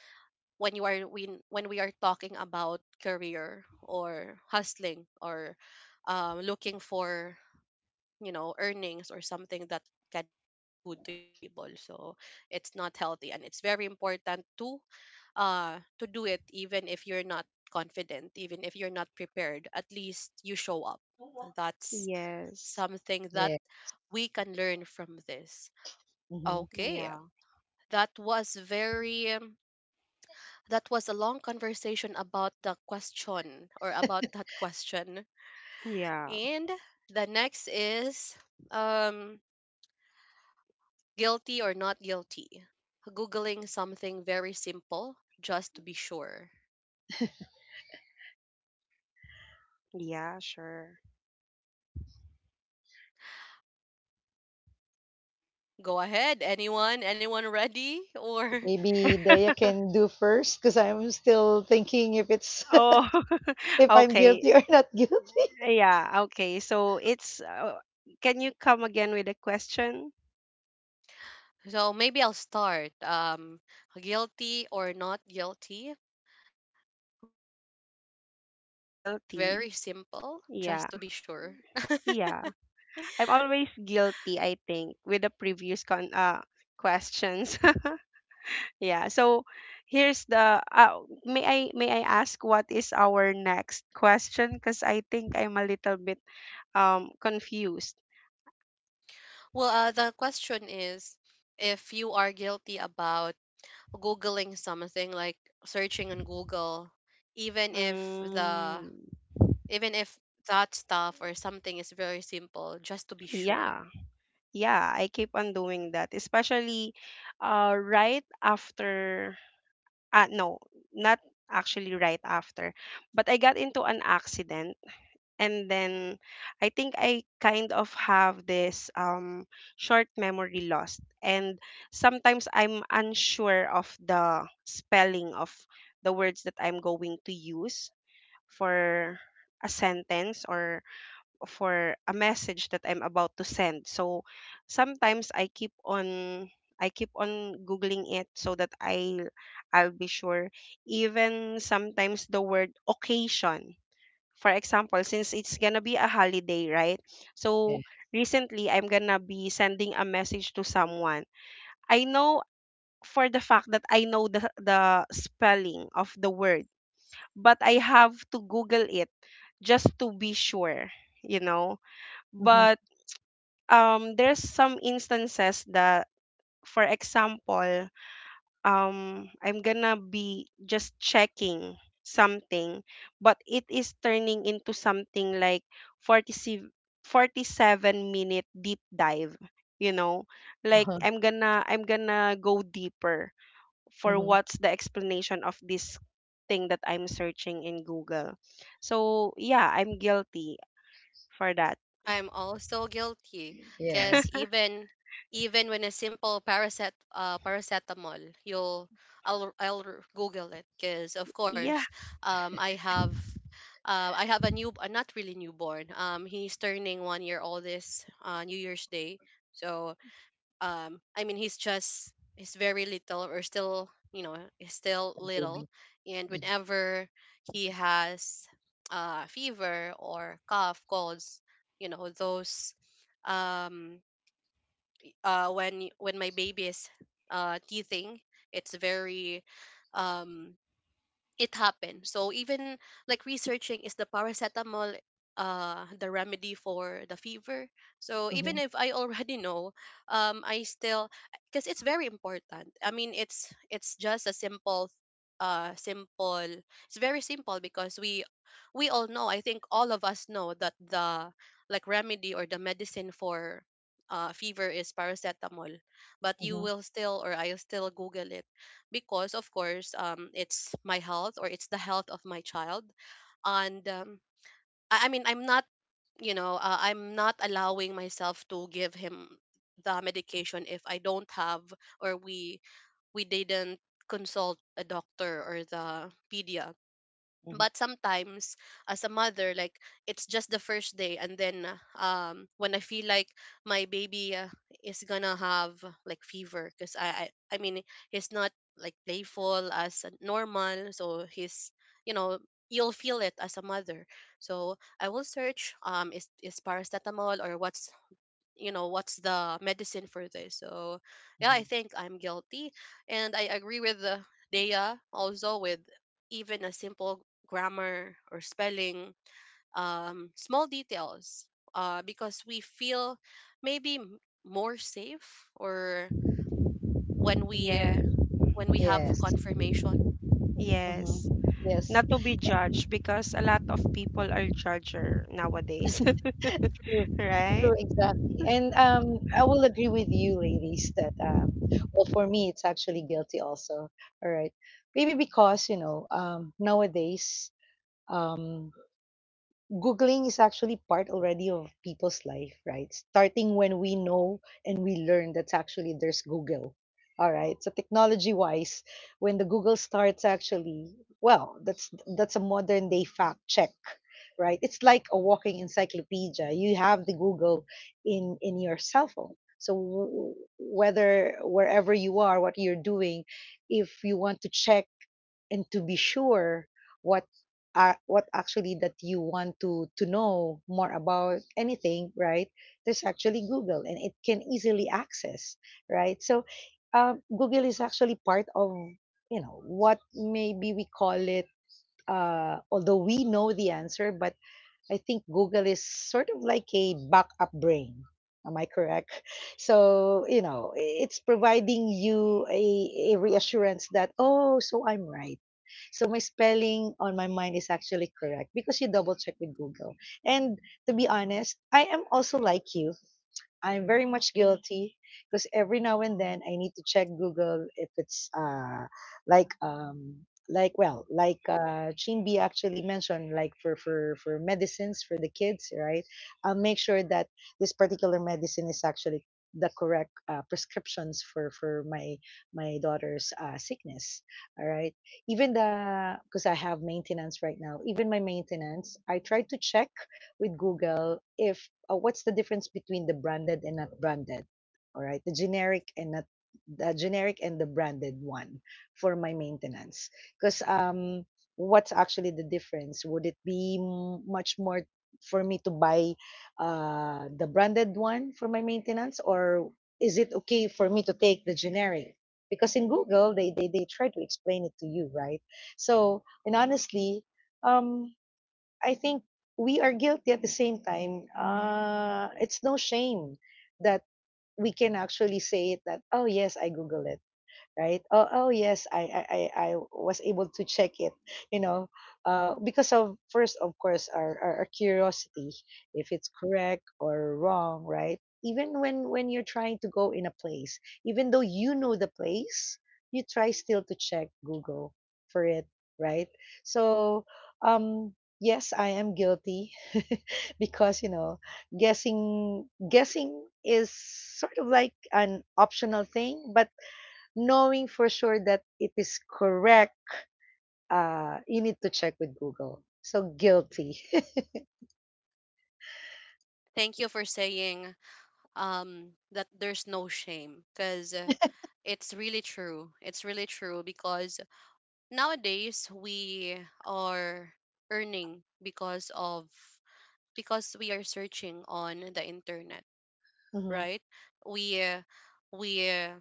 S1: when when we are talking about career or hustling, or looking for earnings or something that can provide food to your table. So it's not healthy, and it's very important to do it. Even if you're not confident, even if you're not prepared, at least you show up. That's
S3: Yes.
S1: something that
S2: Yeah.
S1: we can learn from this.
S2: Mm-hmm.
S1: Okay.
S3: Yeah.
S1: that was very um, that was a long conversation about the question, or about that question.
S3: Yeah.
S1: And the next is, um guilty or not guilty? Googling something very simple just to be sure.
S3: Yeah, sure.
S1: Go ahead, anyone? Anyone ready? Or
S2: Maybe Daya can do first because I'm still thinking if it's
S3: Oh,
S2: if I'm
S3: okay.
S2: guilty or not guilty.
S3: Yeah, okay. So it's can you come again with a question?
S1: So maybe I'll start. Guilty or not guilty? Googling something
S3: Guilty.
S1: very simple
S3: Yeah.
S1: just to be sure.
S3: Yeah. I'm always guilty, I think, with the previous con questions. Yeah. So here's the may I, may I ask what is our next question? Because I think I'm a little bit confused.
S1: Well, the question is, if you are guilty about Googling something, like searching on Google, even if the
S3: Mm.
S1: even if that stuff or something is very simple just to be sure.
S3: Yeah. Yeah, I keep on doing that, especially right after uh no, not actually right after, but I got into an accident and then I think I kind of have this short memory loss, and sometimes I'm unsure of the spelling of the words that I'm going to use for a sentence or for a message that I'm about to send. So sometimes I keep on googling it so that I'll be sure. Even sometimes the word occasion. For example, since it's gonna be a holiday, right? So
S2: Yeah.
S3: recently I'm gonna be sending a message to someone. I know for the fact that I know the spelling of the word, but I have to Google it just to be sure, you know.
S2: Mm-hmm.
S3: But there's some instances that, for example, I'm gonna be just checking something, but it is turning into something like 47 47-minute deep dive, you know. Like
S2: Uh-huh.
S3: I'm gonna go deeper for
S2: Mm-hmm.
S3: what's the explanation of this thing that I'm searching in Google. So yeah, I'm guilty for that.
S1: I'm also guilty because
S2: Yes,
S1: even when a simple paracetamol, you'll I'll r- google it, because of
S3: Yeah.
S1: course, um i have I have a new, not really newborn. He's turning 1 year old this New Year's Day. So I mean, he's very little, or still, he's still
S2: a
S1: little.
S2: baby.
S1: And
S2: Mm-hmm.
S1: whenever he has fever or cough colds, you know those, um when my baby is teething, it's very um it happened. So even, like, researching, is the paracetamol the remedy for the fever. So even
S2: Mm-hmm.
S1: if I already know, I still, because it's very important. I mean, it's just a simple, uh simple it's very simple, because we all know, I think all of us know that the, like, remedy or the medicine for fever is paracetamol. But you
S2: Mm-hmm.
S1: will still, or I'll still google it, because of course, it's my health, or it's the health of my child. And, I mean, I'm not allowing myself to give him the medication if I don't have, or we didn't consult a doctor or the pedia. But sometimes as a mother, like, it's just the first day, and then when I feel like my baby, is gonna have, like, fever. Because I mean he's not, like, playful as a normal, so he's, you know, you'll feel it as a mother. So I will search, is paracetamol, or what's you know what's the medicine for this. So yeah, I
S2: Mm-hmm.
S1: think I'm guilty. And I agree with, Dea, also with even a simple grammar or spelling, small details, because we feel maybe more safe, or when we uh,
S3: Yes.
S1: when we have
S2: Yes.
S1: confirmation.
S2: Mm-hmm.
S3: Yes,
S2: Yes.
S3: not to be judged because a lot of people are judger nowadays.
S2: True, true,
S3: Right.
S2: exactly. And I will agree with you, ladies, that well, for me, it's actually guilty also. All right, maybe because you know nowadays um, Googling is actually part already of people's life, right? Starting when we know and we learn that actually there's Google. All right. So technology wise, when the Google starts actually, well, that's a modern day fact check, right? It's like a walking encyclopedia. You have the Google in your cell phone. So whether wherever you are, what you're doing, if you want to check and to be sure what are what actually that you want to know more about anything, right, there's actually Google and it can easily access, right? So Google is actually part of, you know what, maybe we call it, although we know the answer, but I think Google is sort of like a backup brain, am I correct? So you know, it's providing you a reassurance that oh so I'm right, so my spelling on my mind is actually correct because you double check with Google. And to be honest, I am also like you. I'm very much guilty because every now and then I need to check Google if it's like well like Chinbi actually mentioned, like for for medicines for the kids, right, I'll make sure that this particular medicine is actually the correct prescriptions for my my daughter's sickness, all right. Even the because I have maintenance right now, even my maintenance I try to check with Google if, what's the difference between the branded and not branded, all right? The generic and not the generic and the branded one for my maintenance. Because what's actually the difference? Would it be much more for me to buy the branded one for my maintenance, or is it okay for me to take the generic? Because in Google, they try to explain it to you, right? So, and honestly, um. I think we are guilty at the same time. It's no shame that we can actually say it that, oh, yes, I Google it, right? Oh, oh yes, I was able to check it, you know, because of first, of course, our curiosity, if it's correct or wrong, right? Even when you're trying to go in a place, even though you know the place, you try still to check Google for it, right? So, um, yes, I am guilty. Because, you know, guessing is sort of like an optional thing, but knowing for sure that it is correct, you need to check with Google. So guilty.
S1: Thank you for saying, that there's no shame. Because it's really true, because nowadays we are earning because of, because we are searching on the internet,
S2: Mhm,
S1: right? we uh, we uh,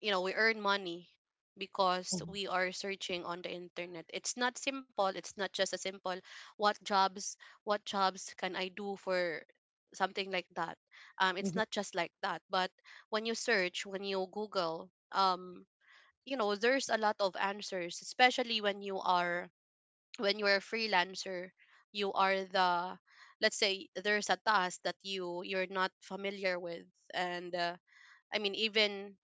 S1: you know we earn money because
S2: mhm,
S1: we are searching on the internet. It's not simple. It's not just a simple— what jobs what jobs can I do for something like that? It's
S2: mhm,
S1: not just like that, but when you google, there's a lot of answers, especially when you're a freelancer. You are the Let's say there's a task that you're not familiar with. And, I mean, even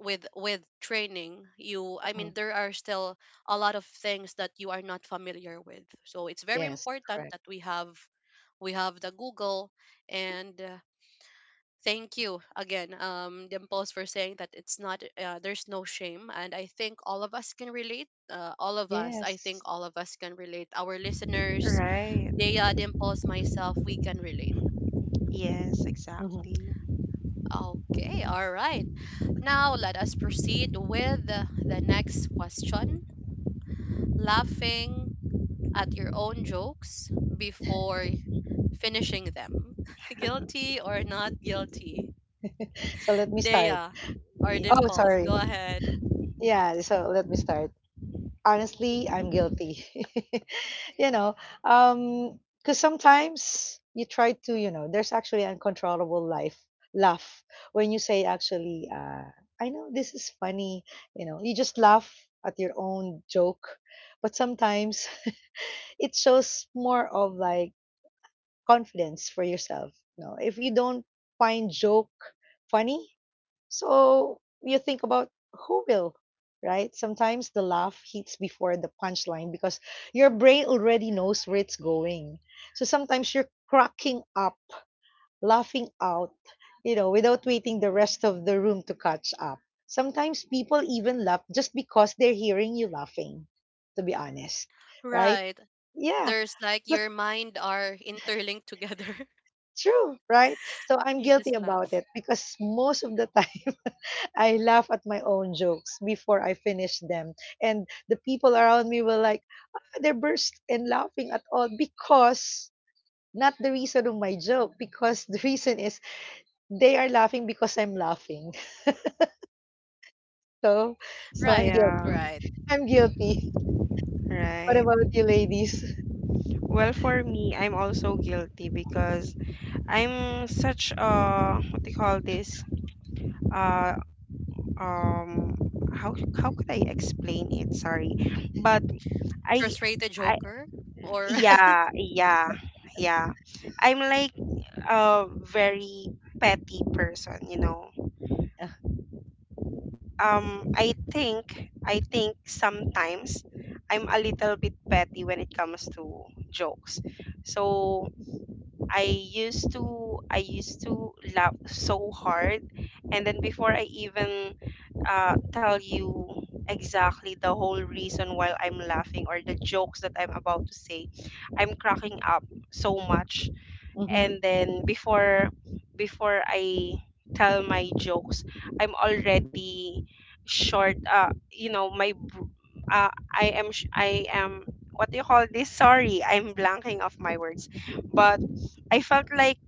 S1: with training, you I mean,
S2: mhm.
S1: there are still a lot of things that you are not familiar with. So it's very
S2: Yes,
S1: important
S2: correct.
S1: that we have the Google. And, thank you again, Dimples, for saying that it's not there's no shame. And I think all of us can relate, all of us, I think
S2: Yes.
S1: all of us can relate, our listeners,
S3: Right.
S1: Dea, Dimples, myself, we can relate.
S3: Yes,
S2: Mhm.
S3: exactly.
S1: Okay, all right. Now let us proceed with the next question. Laughing at your own jokes before finishing them. Guilty or not guilty?
S2: So let me start.
S1: Dea or
S3: Yeah.
S2: Oh,
S1: Dimples,
S2: sorry.
S1: go ahead.
S2: Yeah, so let me start. Honestly, I'm guilty. You know, because sometimes you try to, you know, there's actually uncontrollable life laugh when you say actually I know this is funny, you know, you just laugh at your own joke. But sometimes it shows more of like confidence for yourself. You know, if you don't find joke funny, so you think about who will, right? Sometimes the laugh hits before the punchline because your brain already knows where it's going. So sometimes you're cracking up, laughing out, you know, without waiting the rest of the room to catch up. Sometimes people even laugh just because they're hearing you laughing, to be honest, right?
S1: Right.
S2: Yeah,
S1: There's like
S2: that's
S1: your mind are interlinked together.
S2: true, right? So I'm
S1: You
S2: guilty
S1: just
S2: about
S1: laugh.
S2: it because most of the time, I laugh at my own jokes before I finish them. And the people around me were like, they burst and laughing at all because not the reason of my joke, because the reason is they are laughing because I'm laughing. So, so I'm
S1: Right,
S2: guilty.
S3: Yeah.
S1: right.
S2: I'm guilty. What
S3: Right.
S2: about you, ladies?
S3: Well, for me, I'm also guilty because I'm such a, what do you call this, uh um how could I explain it? Sorry, but i
S1: Frustrated
S3: I,
S1: joker, or
S3: yeah, yeah. Yeah, I'm like a very petty person, you know.
S2: Yeah.
S3: I think sometimes I'm a little bit petty when it comes to jokes. So I used to laugh so hard, and then before I even tell you exactly the whole reason why I'm laughing or the jokes that I'm about to say, I'm cracking up so much. And
S2: Hmm.
S3: then before I tell my jokes, I'm already short. You know, I am I am, what do you call this? Sorry, I'm blanking of my words, but I felt like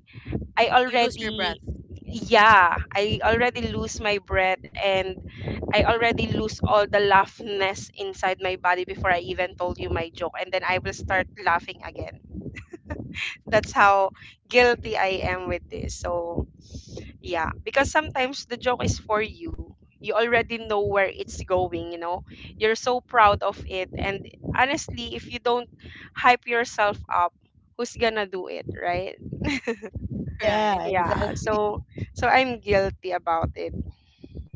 S3: I
S1: you lose your
S3: already,
S1: breath.
S3: yeah, I already lose my breath and I already lose all the laughness inside my body before I even told you my joke, and then I will start laughing again. That's how guilty I am with this. So, yeah, because sometimes the joke is for you. You already know where it's going, you know. You're so proud of it, and honestly, if you don't hype yourself up, who's gonna do it, right?
S2: Yeah,
S1: Right.
S3: Yeah.
S2: exactly.
S3: So, so I'm guilty about it.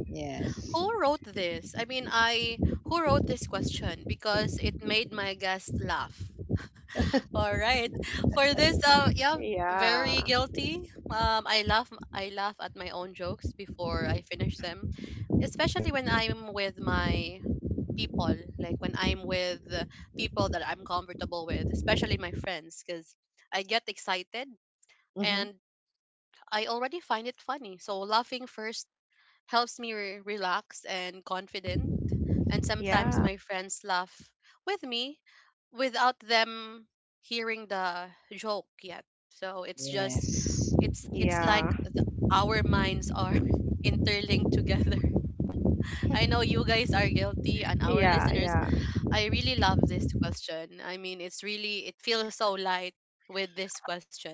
S2: Yes.
S1: Who wrote this? I mean, I who wrote this question? Because it made my guest laugh. All right. For this, yeah, very
S3: Yeah.
S1: guilty. I laugh at my own jokes before I finish them, especially when I'm with my people, like when I'm with people that I'm comfortable with, especially my friends, because I get excited
S2: Hmm.
S1: and I already find it funny. So laughing first helps me relax and confident. And sometimes
S3: Yeah.
S1: my friends laugh with me without them hearing the joke yet. So it's just
S2: Yes.
S1: it's
S3: Yeah.
S1: like the, our minds are interlinked together. I know you guys are guilty, and our
S3: Yeah,
S1: listeners.
S3: yeah.
S1: I really love this question. I mean, it feels so light with this question.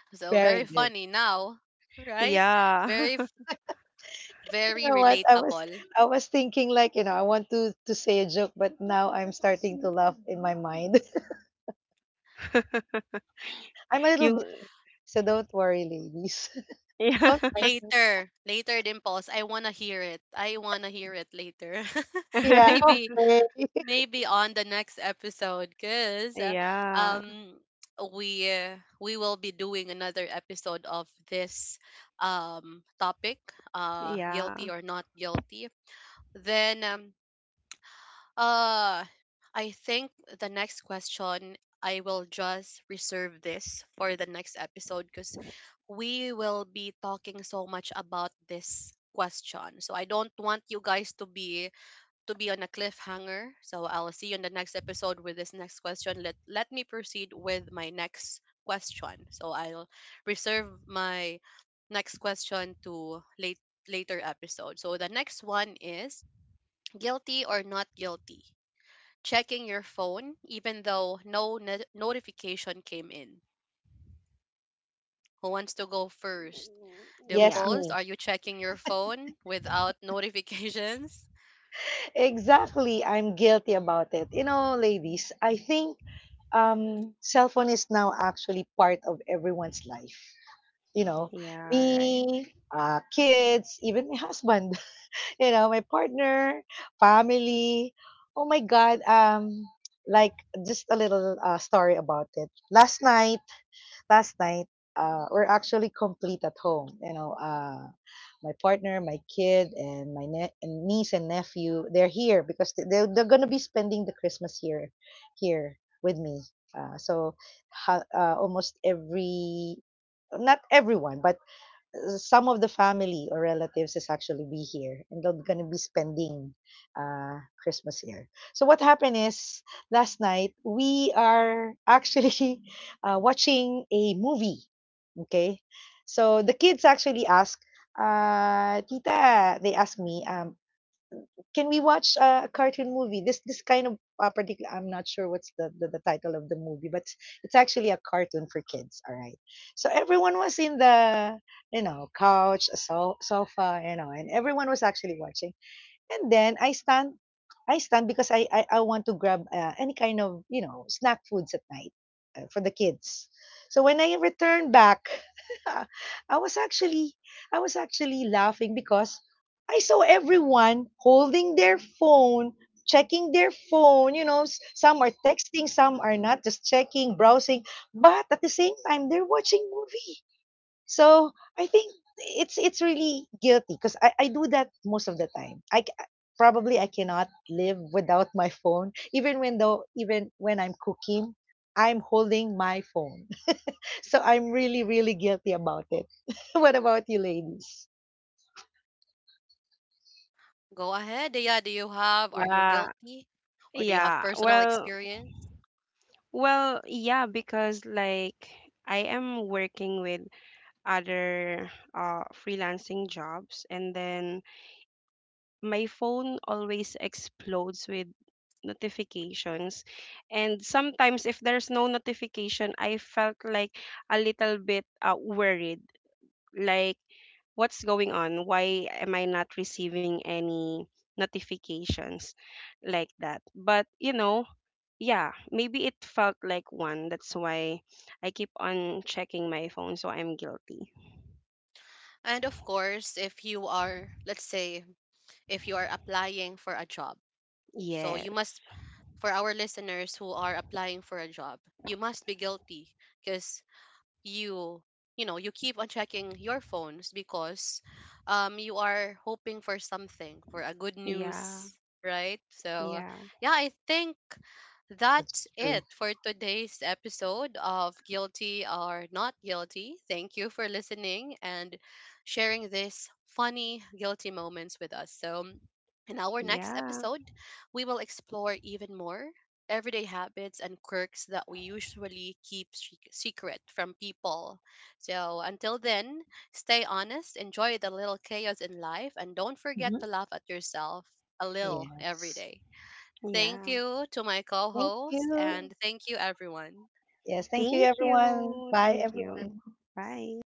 S1: So very
S2: Very good.
S1: funny now, right? Very,
S3: Yeah.
S1: very
S2: You know what? I was
S1: relatable.
S2: I was thinking like, you know, I want to say a joke, but now I'm starting to laugh in my mind. I'm a little
S3: You.
S2: bit weak, so don't worry, ladies. Don't mind
S3: Yeah.
S2: me.
S1: Later, later, Dimples, I want to hear it. I want to hear it later.
S2: Yeah,
S1: Maybe
S2: okay.
S1: Maybe on the next episode, because
S3: Yeah.
S1: um we will be doing another episode of this, topic,
S3: Yeah.
S1: guilty or not guilty. Then, uh I think the next question, I will just reserve this for the next episode, because we will be talking so much about this question. So I don't want you guys to be on a cliffhanger. So I'll see you in the next episode with this next question. Let me proceed with my next question. So I'll reserve my next question to later episode. So the next one is, guilty or not guilty? Checking your phone even though no notification came in. Who wants to go first?
S2: Yes,
S3: Yeah.
S1: Dimples,
S2: me.
S1: are you checking your phone without notifications?
S2: Exactly. I'm guilty about it. You know, ladies, I think cell phone is now actually part of everyone's life. You know,
S3: Yeah, right.
S2: me, kids, even my husband. You know, my partner, family. Oh my God. Like just a little story about it. Last night, we're actually complete at home. You know, my partner, my kid, and my and niece and nephew. They're here because they're gonna be spending the Christmas here, here with me. So, almost every, not everyone, but some of the family or relatives is actually be here and they're gonna be spending Christmas here. So what happened is last night we are actually watching a movie. Okay, so the kids actually ask, "Tita," they ask me, can we watch a cartoon movie? This kind of particular, I'm not sure what's the title of the movie, but it's actually a cartoon for kids. All right. So everyone was in the, you know, couch, a so, sofa, you know, and everyone was actually watching. And then I stand because I want to grab any kind of, you know, snack foods at night for the kids. So when I returned back, yeah, I was actually I was actually laughing because I saw everyone holding their phone, checking their phone, you know, some are texting, some are not, just checking, browsing, but at the same time they're watching movie. So, I think it's really guilty because I do that most of the time. Probably I cannot live without my phone, even when though even when I'm cooking, I'm holding my phone. So I'm really, really guilty about it. What about you, ladies?
S1: Go ahead. Yeah, do you have, are you
S3: Yeah,
S1: guilty? Or do you have
S3: yeah.
S1: personal
S3: Well,
S1: experience?
S3: well, yeah, because like I am working with other freelancing jobs, and then my phone always explodes with notifications. And sometimes if there's no notification, I felt like a little bit worried. Like what's going on? Why am I not receiving any notifications? Like that. But you know, yeah, maybe it felt like one. That's why I keep on checking my phone, so I'm guilty.
S1: And of course, if you are, let's say, if you are applying for a job, so
S3: Yes.
S1: you must, for our listeners who are applying for a job, you must be guilty, because you you keep on checking your phones, because you are hoping for something, for a good
S3: Yeah.
S1: news, right? So
S3: Yeah.
S1: yeah, I think
S2: That's
S1: that's
S2: true.
S1: it for today's episode of guilty or not guilty. Thank you for listening and sharing this funny guilty moments with us. So in our next
S3: Yeah.
S1: episode, we will explore even more everyday habits and quirks that we usually keep secret from people. So until then, stay honest, enjoy the little chaos in life, and don't forget
S2: Hmm.
S1: to laugh at yourself a little every
S2: Yes.
S1: day. Thank
S3: Yeah.
S1: you to my co
S2: Thank
S1: host, and
S2: you.
S1: thank you, everyone.
S2: Yes. Thank you,
S3: Thank
S2: everyone.
S3: you.
S2: Bye,
S3: Thank you.
S2: everyone.
S3: Bye.